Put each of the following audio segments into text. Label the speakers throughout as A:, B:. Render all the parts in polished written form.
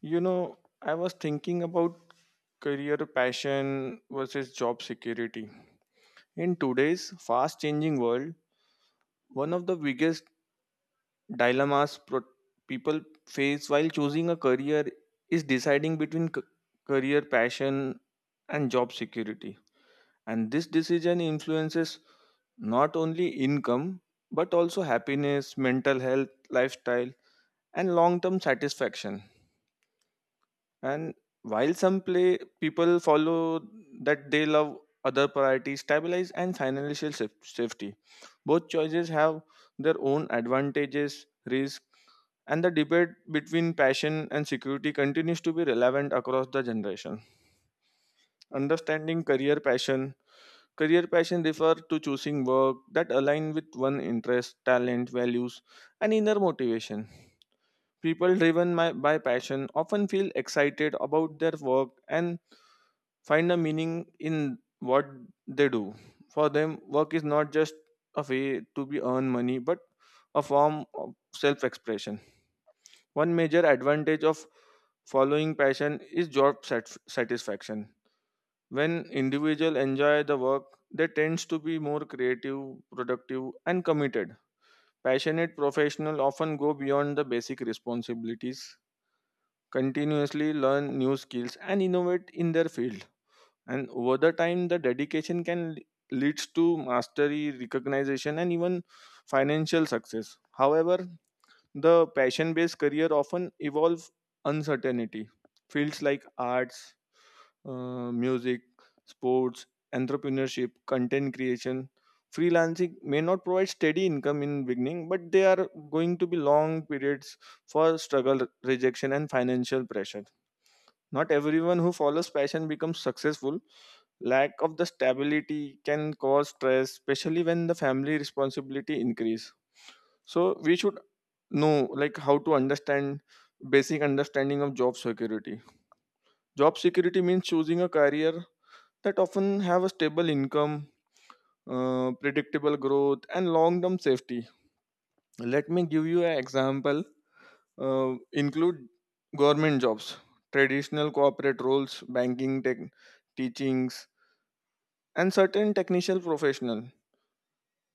A: You know, I was thinking about career passion versus job security. In today's fast changing world, one of the biggest dilemmas people face while choosing a career is deciding between career passion and job security. And this decision influences not only income but also happiness, mental health, lifestyle, and long term satisfaction. And while some play, people follow that they love other priorities, stabilize and financial safety. Both choices have their own advantages, risk, and the debate between passion and security continues to be relevant across the generation. Understanding career passion. Career passion refer to choosing work that align with one interest, talent, values, and inner motivation. People driven by passion often feel excited about their work and find a meaning in what they do. For them, work is not just a way to be earn money, but a form of self-expression. One major advantage of following passion is job satisfaction. When individuals enjoy the work, they tend to be more creative, productive, and committed. Passionate professionals often go beyond the basic responsibilities, continuously learn new skills, and innovate in their field, and over the time the dedication can leads to mastery recognition and even financial success. However, the passion based career often evolve uncertainty fields like arts, music, sports, entrepreneurship, content creation, freelancing may not provide steady income in beginning, but they are going to be long periods for struggle, rejection, and financial pressure. Not everyone who follows passion becomes successful. Lack of the stability can cause stress, especially when the family responsibility increase. So we should know like how to understand basic understanding of job security. Job security means choosing a career that often have a stable income, predictable growth, and long-term safety. Let me give you an example. Include government jobs, traditional corporate roles, banking, tech, teachings, and certain technical professional.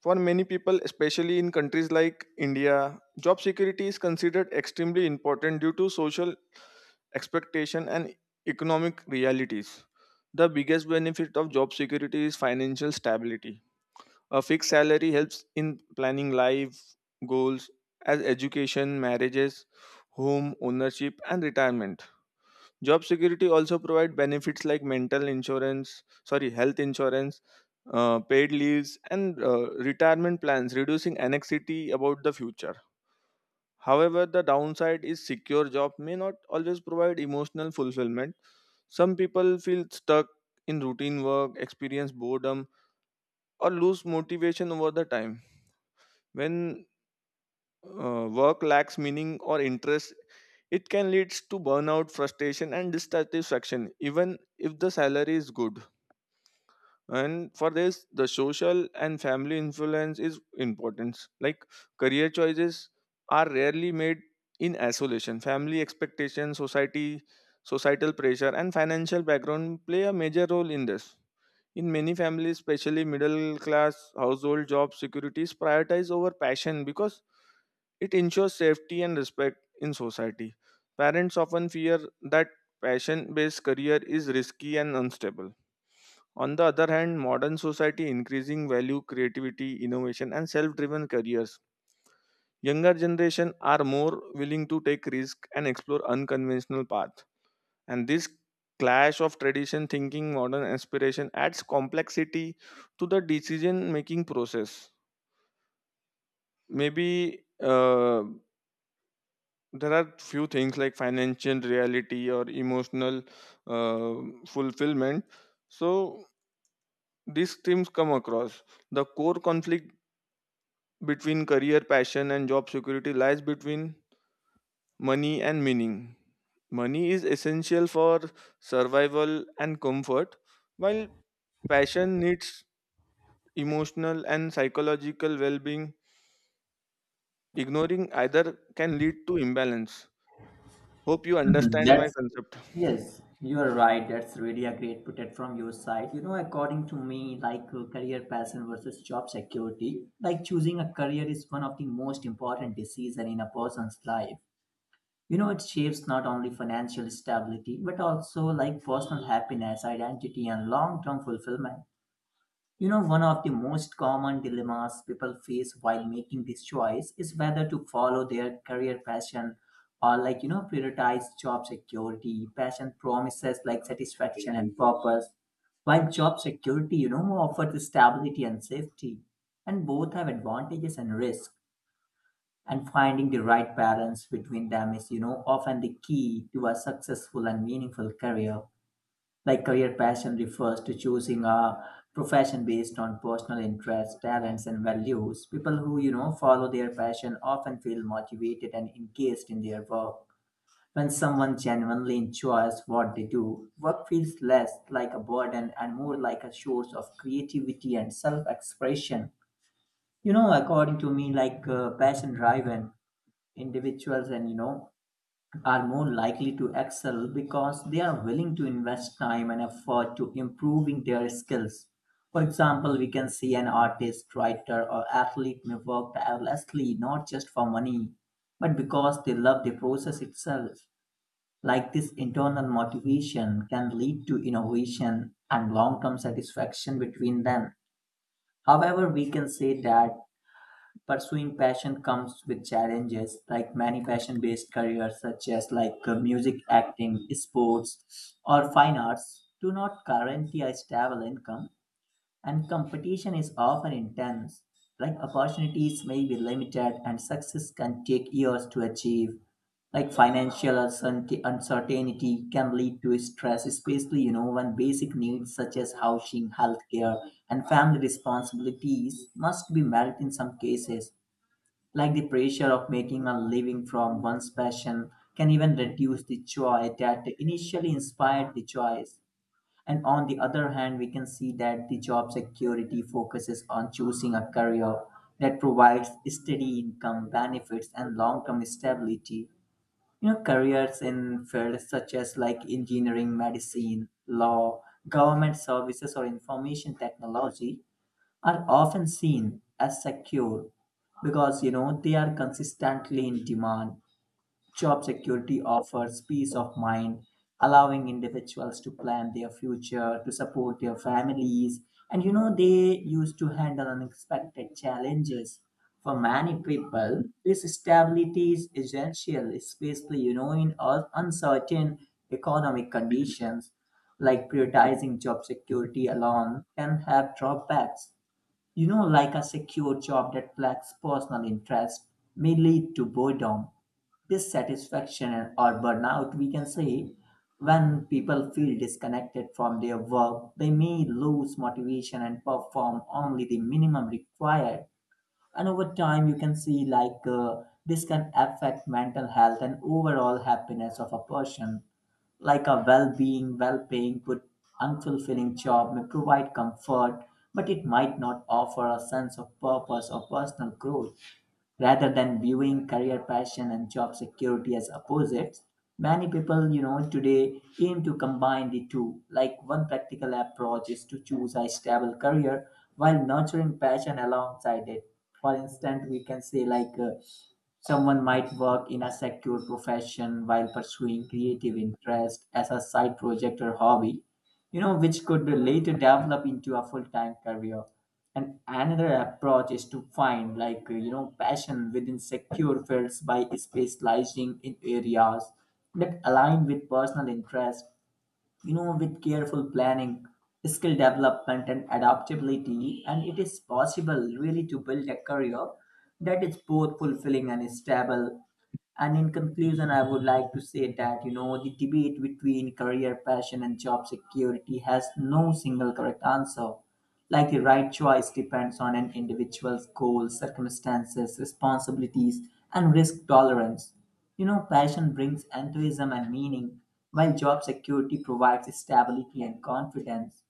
A: For many people, especially in countries like India, job security is considered extremely important due to social expectation and economic realities. The biggest benefit of job security is financial stability. A fixed salary helps in planning life goals as education, marriages, home ownership, and retirement. Job security also provide benefits like mental insurance, sorry, health insurance, paid leaves, and retirement plans, reducing anxiety about the future. However, the downside is secure job may not always provide emotional fulfillment. Some people feel stuck in routine work, experience boredom, or lose motivation over the time. When work lacks meaning or interest, it can lead to burnout, frustration, and dissatisfaction, even if the salary is good. And for this, the social and family influence is important. Like career choices are rarely made in isolation. Family expectations, society, societal pressure, and financial background play a major role in this. In many families, especially middle class household, job security is prioritized over passion because it ensures safety and respect in society. Parents often fear that passion based career is risky and unstable. On the other hand, modern society increasing value creativity, innovation and self-driven careers. Younger generation are more willing to take risk and explore unconventional paths, and this clash of tradition thinking, modern aspiration adds complexity to the decision making process. Maybe there are few things like financial reality or emotional uh, fulfillment. So these themes come across. The core conflict between career passion and job security lies between money and meaning. Money is essential for survival and comfort, while passion needs emotional and psychological well being. Ignoring either can lead to imbalance. Hope you
B: Mhm,
A: understand my concept.
B: You are right. That's really a great put it from your side. You know, according to me, career passion versus job security, like choosing a career is one of the most important decision in a person's life. You know, it shapes not only financial stability but also like personal happiness, identity, and long-term fulfillment. You know, one of the most common dilemmas people face while making this choice is whether to follow their career passion or, like, you know, prioritize job security. Passion promises like satisfaction and purpose, while job security, you know, offers stability and safety. And both have advantages and risks. And finding the right balance between them is, you know, often the key to a successful and meaningful career. Like career passion refers to choosing a profession based on personal interests, talents, and values. People who, you know, follow their passion often feel motivated and engaged in their work. When someone genuinely enjoys what they do, work feels less like a burden and more like a source of creativity and self expression. You know, according to me, passion driven individuals and, you know, are more likely to excel because they are willing to invest time and effort to improving their skills. For example, we can see an artist, writer, or athlete may work tirelessly not just for money, but because they love the process itself. Like this internal motivation can lead to innovation and long term satisfaction between them. However, we can say that pursuing passion comes with challenges, like many passion-based careers such as music, acting, sports, or fine arts do not guarantee a stable income, and competition is often intense. Like opportunities may be limited, and success can take years to achieve, like financial uncertainty can lead to stress, especially you know, when basic needs such as housing, healthcare, and family responsibilities must be met. In some cases, like the pressure of making a living from one's passion can even reduce the joy that initially inspired the choice. And on the other hand, we can see that the job security focuses on choosing a career that provides steady income, benefits, and long term stability. You know, careers in fields such as like engineering, medicine, law, government services, or information technology are often seen as secure, because you know, they are consistently in demand. Job security offers peace of mind, allowing individuals to plan their future, to support their families, and you know, they used to handle unexpected challenges. For many people, this stability is essential, especially you know, in uncertain economic conditions. Like prioritizing job security alone can have drawbacks, you know, like a secure job that lacks personal interest may lead to boredom, dissatisfaction, or burnout, we can say. When people feel disconnected from their work, they may lose motivation and perform only the minimum required, and over time you can see this can affect mental health and overall happiness of a person. Like a well-being well-paying good unfulfilling job may provide comfort, but it might not offer a sense of purpose or personal growth. Rather than viewing career passion and job security as opposites, many people, you know, today aim to combine the two. Like one practical approach is to choose a stable career while nurturing passion alongside it. For instance, we can say someone might work in a secure profession while pursuing creative interest as a side project or hobby, you know, which could later develop into a full-time career. And another approach is to find, like, you know, passion within secure fields by specializing in areas that align with personal interest, you know, with careful planning, skill development, and adaptability. And it is possible, really, to build a career that is both fulfilling and stable. And in conclusion, I would like to say that, you know, the debate between career passion and job security has no single correct answer. Like the right choice depends on an individual's goals, circumstances, responsibilities, and risk tolerance. You know, passion brings enthusiasm and meaning, while job security provides stability and confidence.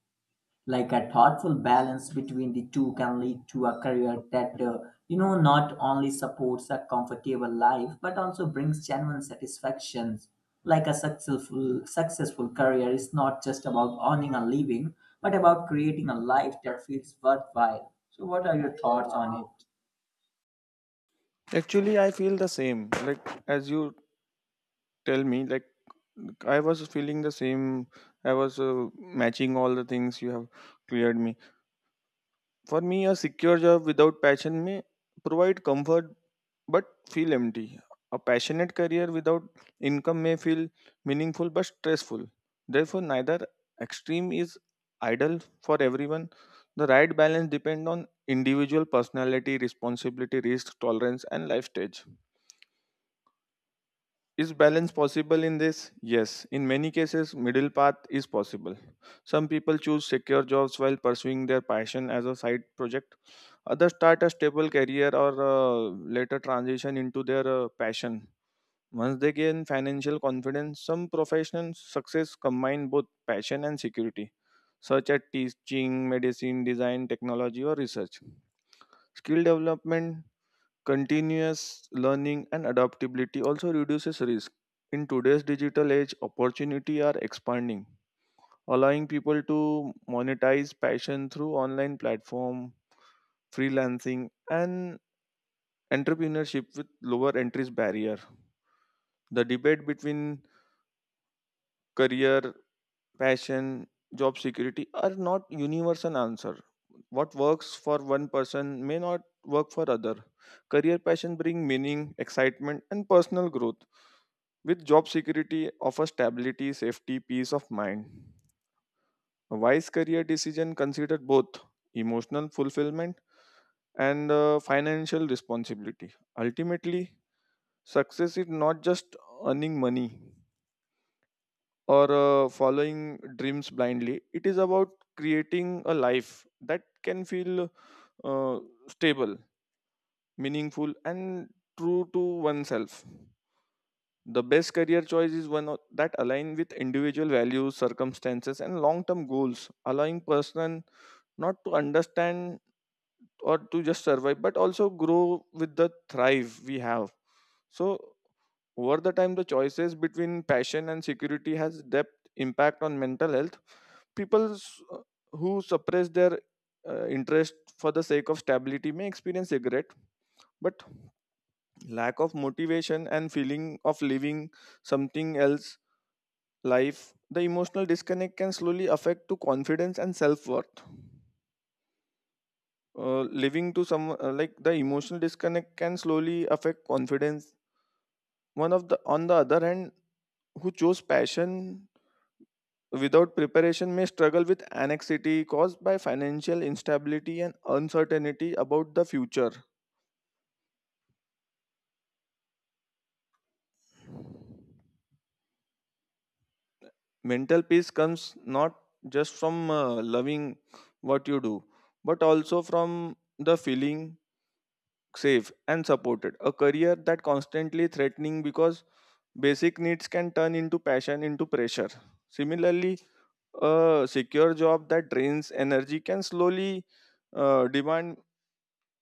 B: Like a thoughtful balance between the two can lead to a career that you know, not only supports a comfortable life but also brings genuine satisfactions. Like a successful career is not just about earning a living, but about creating a life that feels worthwhile. So what are your thoughts on it?
A: Actually, I feel the same. Like, as you tell me, like, I was feeling the same. I was matching all the things you have cleared me. For me, a secure job without passion may provide comfort but feel empty. A passionate career without income may feel meaningful but stressful. Therefore, neither extreme is ideal for everyone. The right balance depends on individual personality, responsibility, risk tolerance, and life stage. Is balance possible in this? Yes. In many cases, middle path is possible. Some people choose secure jobs while pursuing their passion as a side project. Others start a stable career or later transition into their passion once they gain financial confidence. Some professional success combine both passion and security, such as teaching, medicine, design, technology, or research. Skill development, continuous learning, and adaptability also reduces risk. In today's digital age, opportunity are expanding, allowing people to monetize passion through online platform, freelancing, and entrepreneurship with lower entries barrier. The debate between career passion, job security are not universal answer. What works for one person may not work for other. Career passion bring meaning, excitement and personal growth, with job security offers stability, safety, peace of mind. A wise career decision consider both emotional fulfillment and financial responsibility. Ultimately, success is not just earning money or following dreams blindly. It is about creating a life that can feel uh, stable, meaningful, and true to oneself. The best career choice is that align with individual values, circumstances, and long-term goals, allowing person not to understand or to just survive but also grow with the thrive we have. So over the time the choices between passion and security has depth impact on mental health. People who suppress their interest for the sake of stability may experience regret, but lack of motivation and feeling of living something else life, the emotional disconnect can slowly affect to confidence and self-worth, living to some like the emotional disconnect can slowly affect confidence. One of the on the other hand, who chose passion without preparation may struggle with anxiety caused by financial instability and uncertainty about the future. Mental peace comes not just from loving what you do, but also from the feeling safe and supported. A career that constantly threatening because basic needs can turn into passion into pressure. Similarly, a secure job that drains energy can slowly demand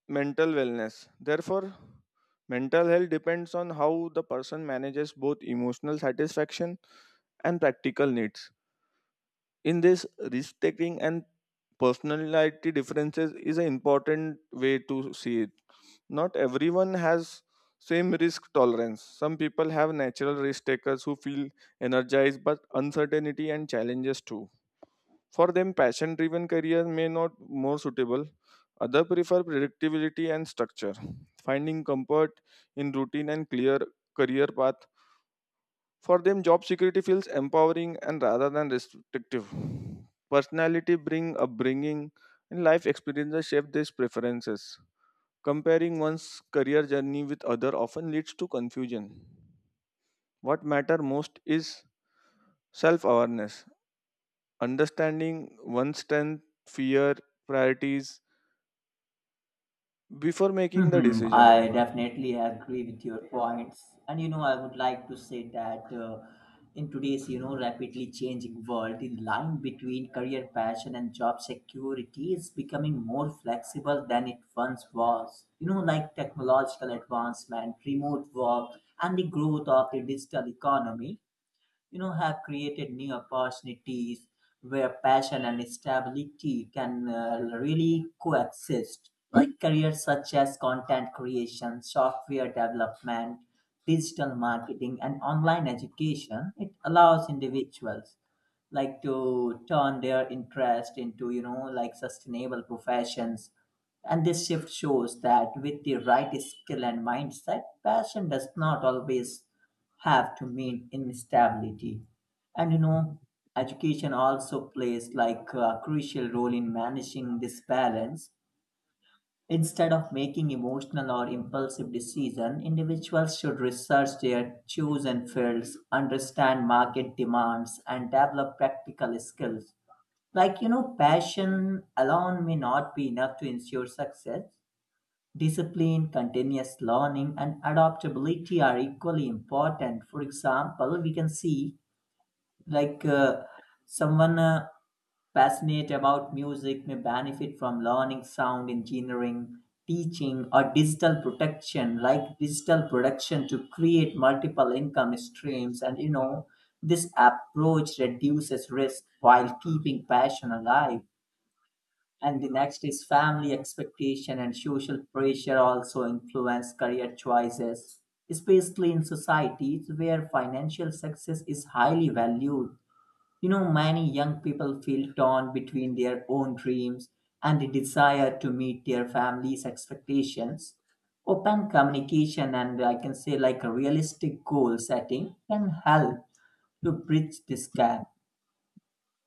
A: mental wellness. Therefore, mental health depends on how the person manages both emotional satisfaction and practical needs. In this, risk taking and personality differences is an important way to see it. Not everyone has same risk tolerance. Some people have natural risk takers who feel energized but uncertainty and challenges too. For them, passion driven career may not more suitable. Others prefer predictability and structure, finding comfort in routine and clear career path. For them, job security feels empowering and rather than restrictive. Personality bring upbringing and life experiences shape these preferences. Comparing one's career journey with other often leads to confusion. What matter most is self-awareness, understanding one's strength, fear, priorities, before making the
B: Hmm, I
A: decision.
B: definitely agree with your points. And you know, I would like to say that in today's, you know, rapidly changing world, the line between career passion and job security is becoming more flexible than it once was. You know, like technological advancement, remote work, and the growth of the digital economy, you know, have created new opportunities where passion and stability can really coexist. Like careers such as content creation, software development, digital marketing, and online education, it allows individuals like to turn their interest into, you know, like sustainable professions. And this shift shows that with the right skill and mindset, passion does not always have to mean instability. And you know, education also plays like a crucial role in managing this balance. Instead of making emotional or impulsive decisions, individuals should research their chosen fields, understand market demands, and develop practical skills. Like, you know, passion alone may not be enough to ensure success. Discipline, continuous learning, and adaptability are equally important. For example, we can see like uh, someone passionate about music may benefit from learning sound engineering, teaching, or digital protection, like digital production, to create multiple income streams. And you know, this approach reduces risk while keeping passion alive. And the next is family expectation and social pressure also influence career choices, especially in societies where financial success is highly valued. You know, many young people feel torn between their own dreams and the desire to meet their family's expectations. Open communication and I can say like a realistic goal setting can help to bridge this gap,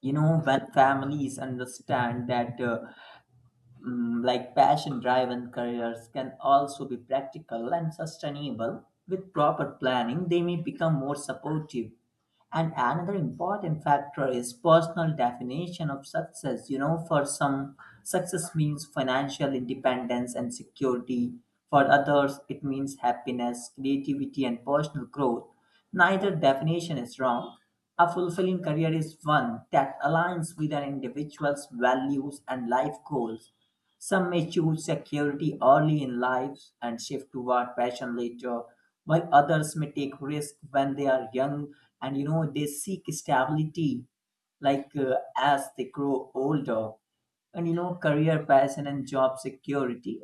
B: you know, when families understand that like passion driven careers can also be practical and sustainable. With proper planning, they may become more supportive. And another important factor is personal definition of success. You know, for some, success means financial independence and security. For others, it means happiness, creativity, and personal growth. Neither definition is wrong. A fulfilling career is one that aligns with an individual's values and life goals. Some may choose security early in life and shift toward passion later, while others may take risk when they are young, and you know, they seek stability as they grow older. And you know, career passion and job security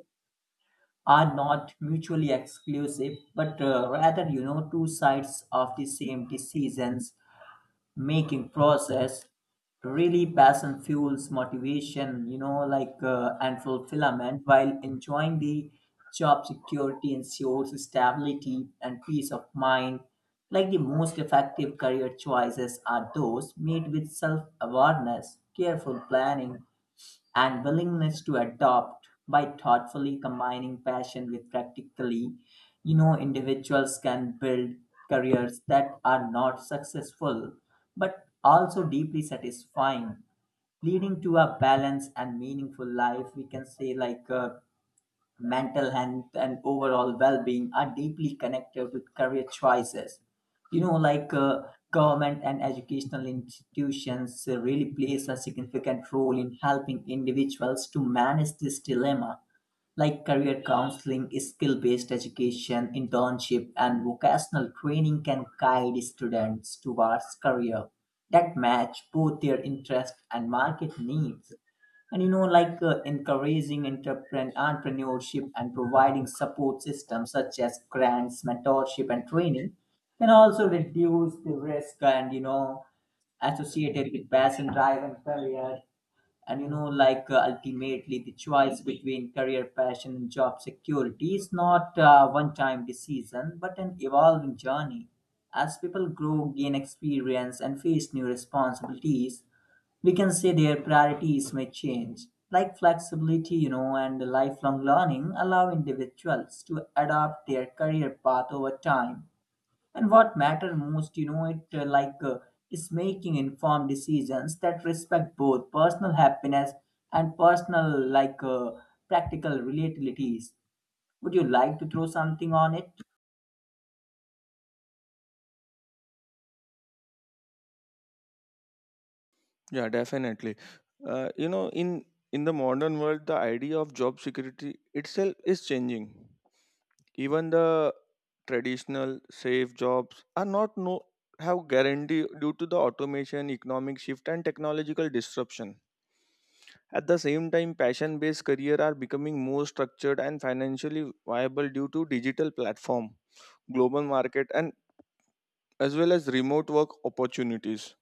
B: are not mutually exclusive, but rather, you know, two sides of the same decisions making process. Really, passion fuels motivation, you know, and fulfillment, while enjoying the job security ensures stability and peace of mind. Like the most effective career choices are those made with self-awareness, careful planning, and willingness to adopt, by thoughtfully combining passion with practically, you know, individuals can build careers that are not successful but also deeply satisfying, leading to a balanced and meaningful life. We can say mental health and overall well-being are deeply connected with career choices, you know, government and educational institutions really plays a significant role in helping individuals to manage this dilemma. Like career counseling, skill based education, internship, and vocational training can guide students towards career that match both their interest and market needs. And you know, encouraging entrepreneurship and providing support systems such as grants, mentorship, and training can also reduce the risk, and you know, associated with passion drive and career. And you know, ultimately the choice between career passion and job security is not a one time decision but an evolving journey. As people grow, gain experience, and face new responsibilities, we can say their priorities may change. Like flexibility, you know, and lifelong learning allow individuals to adapt their career path over time. And what matters most, you know, it is making informed decisions that respect both personal happiness and personal practical realities. Would you like to throw something on
A: Yeah, definitely. You know, in the modern world, the idea of job security itself is changing. Even the traditional safe jobs are not no have guarantee due to the automation, economic shift, and technological disruption. At the same time, passion based career are becoming more structured and financially viable due to digital platform, global market, and as well as remote work opportunities.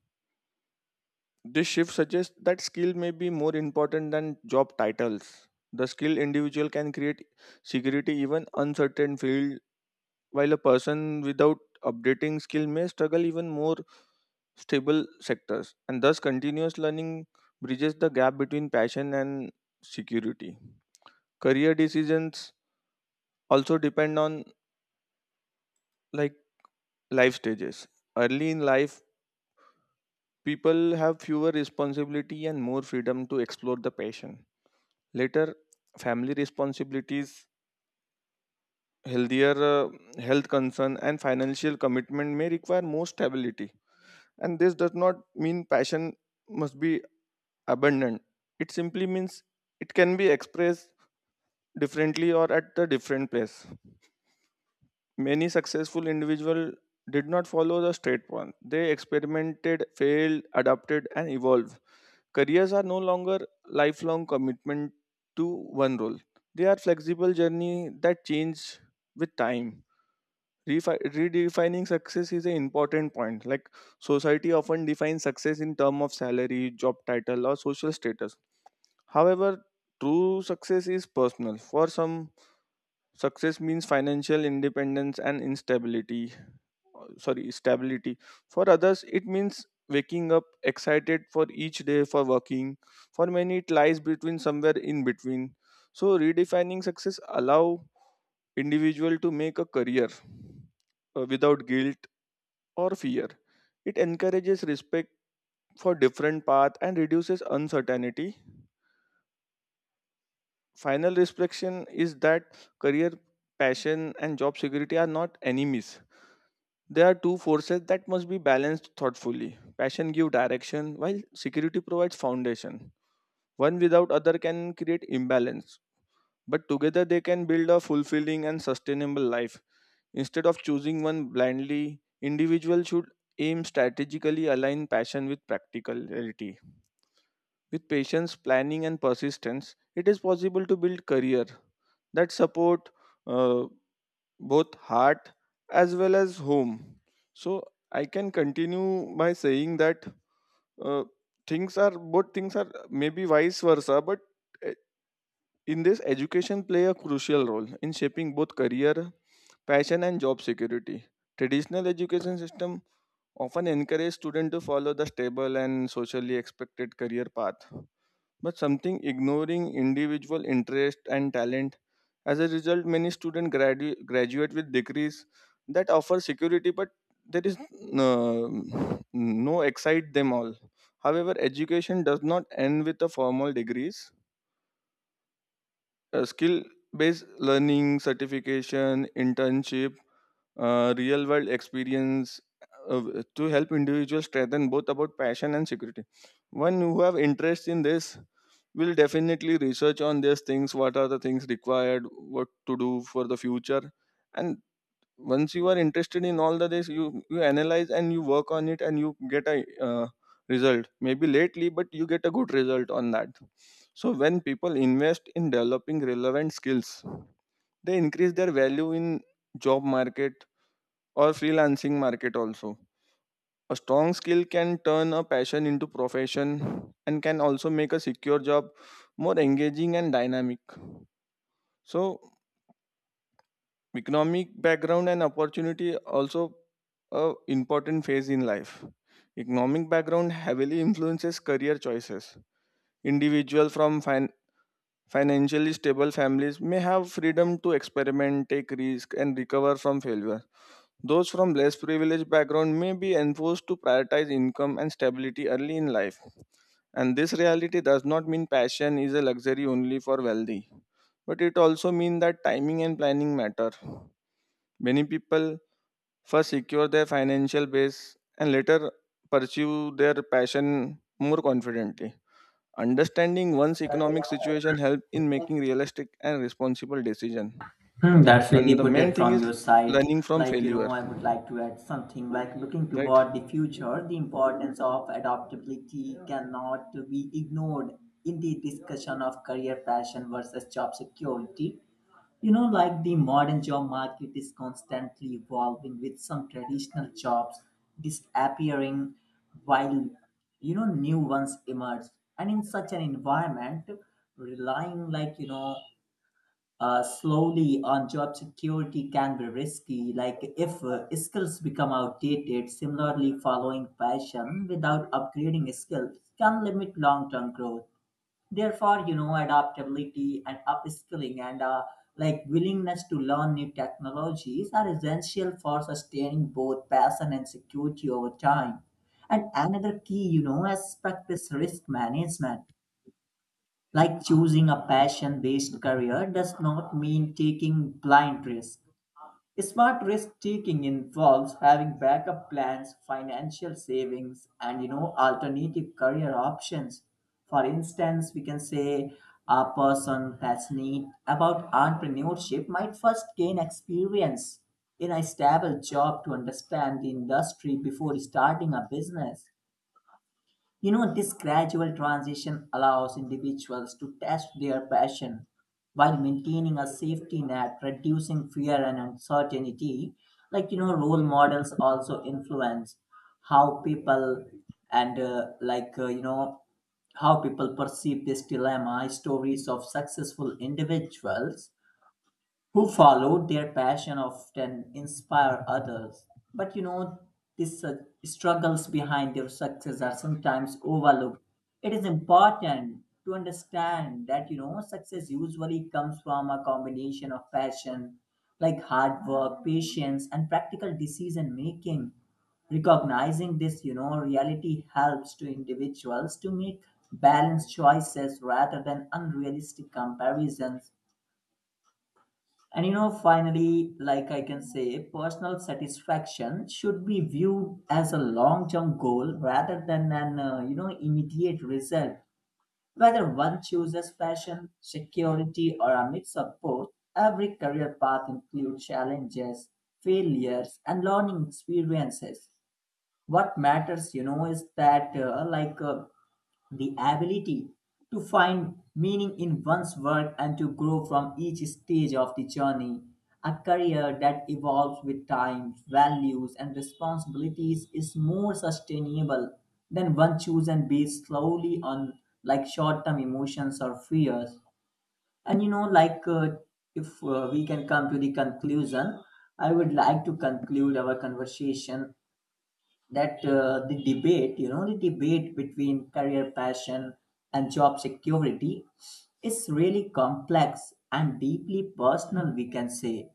A: This shift suggests that skill may be more important than job titles. The skilled individual can create security even uncertain field, while a person without updating skill may struggle even more stable sectors. And thus, continuous learning bridges the gap between passion and security. Career decisions also depend on like life stages. Early in life, people have fewer responsibility and more freedom to explore the passion. Later, family responsibilities, healthier health concern, and financial commitment may require more stability. And this does not mean passion must be abundant. It simply means it can be expressed differently or at a different place. Many successful individuals did not follow the straight path. They experimented, failed, adapted, and evolved. Careers are no longer lifelong commitment to one role. They are flexible journey that change with time. Redefining success is an important point. Like society often defines success in terms of salary, job title, or social status. However, true success is personal. For some, success means financial independence and instability, sorry, stability. For others, it means waking up excited for each day for working. For many, it lies between somewhere in between. So redefining success allow individual to make a career without guilt or fear. It encourages respect for different path and reduces uncertainty. Final reflection is that career passion and job security are not enemies. There are two forces that must be balanced thoughtfully. Passion gives direction, while security provides foundation. One without other can create imbalance, but together they can build a fulfilling and sustainable life. Instead of choosing one blindly, individuals should aim strategically align passion with practicality. With patience, planning, and persistence, it is possible to build career that support uh, both heart as well as home. So I can continue by saying that uh, things are maybe vice versa, but eh, in this education play a crucial role in shaping both career, passion, and job security. Traditional education system often encourage students to follow the stable and socially expected career path, but something ignoring individual interest and talent. As a result, many students graduate with degrees that offer security, but there is no excite them all. However, education does not end with the formal degrees. Skill based learning, certification, internship, real world experience to help individuals strengthen both about passion and security. One who have interest in this will definitely research on these things, what are the things required, what to do for the future. And once you are interested in all the this, you analyze and you work on it, and you get a result maybe lately, but you get a good result on that. So when people invest in developing relevant skills, they increase their value in job market or freelancing market also. A strong skill can turn a passion into profession and can also make a secure job more engaging and dynamic. So economic background and opportunity also a important phase in life. Economic background heavily influences career choices. Individual from financially stable families may have freedom to experiment, take risk, and recover from failure. Those from less privileged background may be enforced to prioritize income and stability early in life. And this reality does not mean passion is a luxury only for wealthy, but it also means that timing and planning matter. Many people first secure their financial base and later pursue their passion more confidently. Understanding one's economic
B: it?
A: situation helps in making realistic and responsible decision.
B: Hmm, that's
A: And
B: really
A: the
B: put
A: main
B: it
A: thing
B: from
A: is
B: your side.
A: learning from
B: Like, you
A: failure.
B: know, I would like to add something like looking
A: Right?
B: toward the future, the importance of adaptability cannot be ignored in the discussion of career passion versus job security. You know, like the modern job market is constantly evolving with some traditional jobs disappearing, while, you know, new ones emerge. And in such an environment, relying like, you know, slowly on job security can be risky. Like if skills become outdated, similarly, following passion without upgrading skills can limit long term growth. Therefore, you know, adaptability and upskilling and like willingness to learn new technologies are essential for sustaining both passion and security over time. And another key, you know, aspect is risk management. Like choosing a passion based career does not mean taking blind risks. Smart risk taking involves having backup plans, financial savings, and you know, alternative career options. For instance, we can say a person passionate about entrepreneurship might first gain experience in a stable job to understand the industry before starting a business. You know, this gradual transition allows individuals to test their passion while maintaining a safety net, reducing fear and uncertainty. Like, you know, role models also influence how people and, you know, how people perceive this dilemma. Stories of successful individuals who followed their passion often inspire others. But you know, these struggles behind their success are sometimes overlooked. It is important to understand that, you know, success usually comes from a combination of passion, like hard work, patience, and practical decision making. Recognizing this, you know, reality helps to individuals to make balanced choices rather than unrealistic comparisons. And you know, finally, like I can say, personal satisfaction should be viewed as a long term goal rather than an, you know, immediate result. Whether one chooses fashion, security, or a mix of both, every career path includes challenges, failures, and learning experiences. What matters, you know, is that, the ability to find meaning in one's work and to grow from each stage of the journey. A career that evolves with time, values, and responsibilities is more sustainable than one chosen based slowly on like short term emotions or fears. And you know, if we can come to the conclusion, I would like to conclude our conversation that the debate between career passion and job security is really complex and deeply personal, we can say.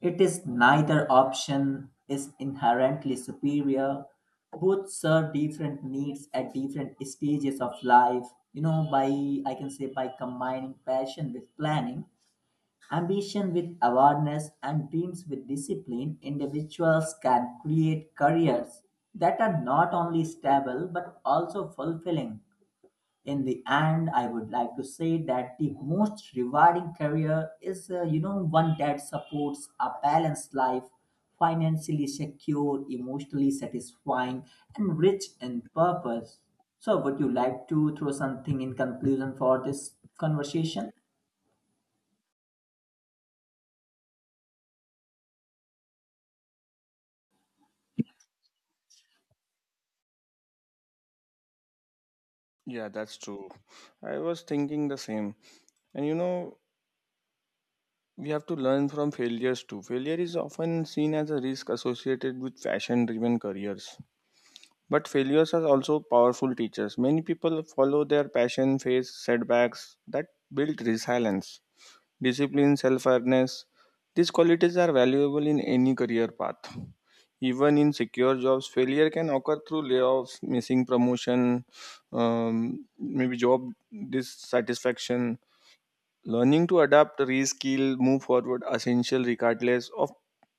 B: It is neither option is inherently superior. Both serve different needs at different stages of life. You know, by I can say by combining passion with planning, ambition with awareness and dreams with discipline, individuals can create careers that are not only stable but also fulfilling. In the end, I would like to say that the most rewarding career is, you know, one that supports a balanced life, financially secure, emotionally satisfying, and rich in purpose. So, would you like to throw something in conclusion for this conversation?
A: Yeah, that's true. I was thinking the same. And you know, we have to learn from failures too. Failure is often seen as a risk associated with fashion driven careers. But failures are also powerful teachers. Many people follow their passion, face setbacks that build resilience, discipline, self awareness. These qualities are valuable in any career path. Even in secure jobs, failure can occur through layoffs, missing promotion, maybe job dissatisfaction. Learning to adapt, reskill, move forward essential regardless of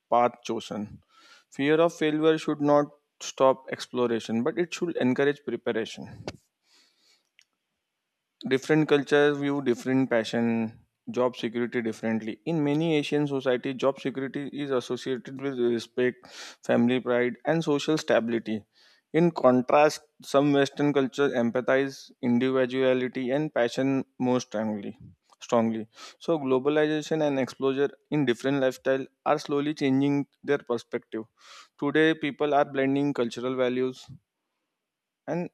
A: path chosen. Fear of failure should not stop exploration, but it should encourage preparation. Different cultures view different passion, job security differently. In many Asian societies, job security is associated with respect, family pride, and social stability. In contrast, some Western cultures empathize individuality and passion more strongly. Strongly, so globalization and exposure in different lifestyle are slowly changing their perspective. Today, people are blending cultural values, and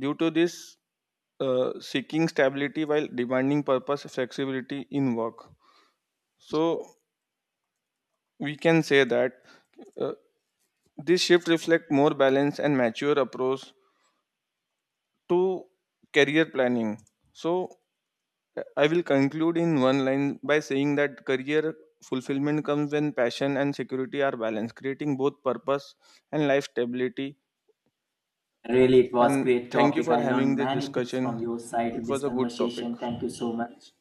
A: due to this, seeking stability while demanding purpose flexibility in work. So we can say that uh, this shift reflects more balanced and mature approach to career planning. So I will conclude in one line by saying that career fulfillment comes when passion and security are balanced, creating both purpose and life stability.
B: Really, it was
A: And
B: great
A: thank you
B: topic.
A: for
B: I
A: having
B: learned
A: this
B: many things from
A: discussion.
B: your side in
A: It
B: this
A: was a good topic.
B: conversation. Thank you so much.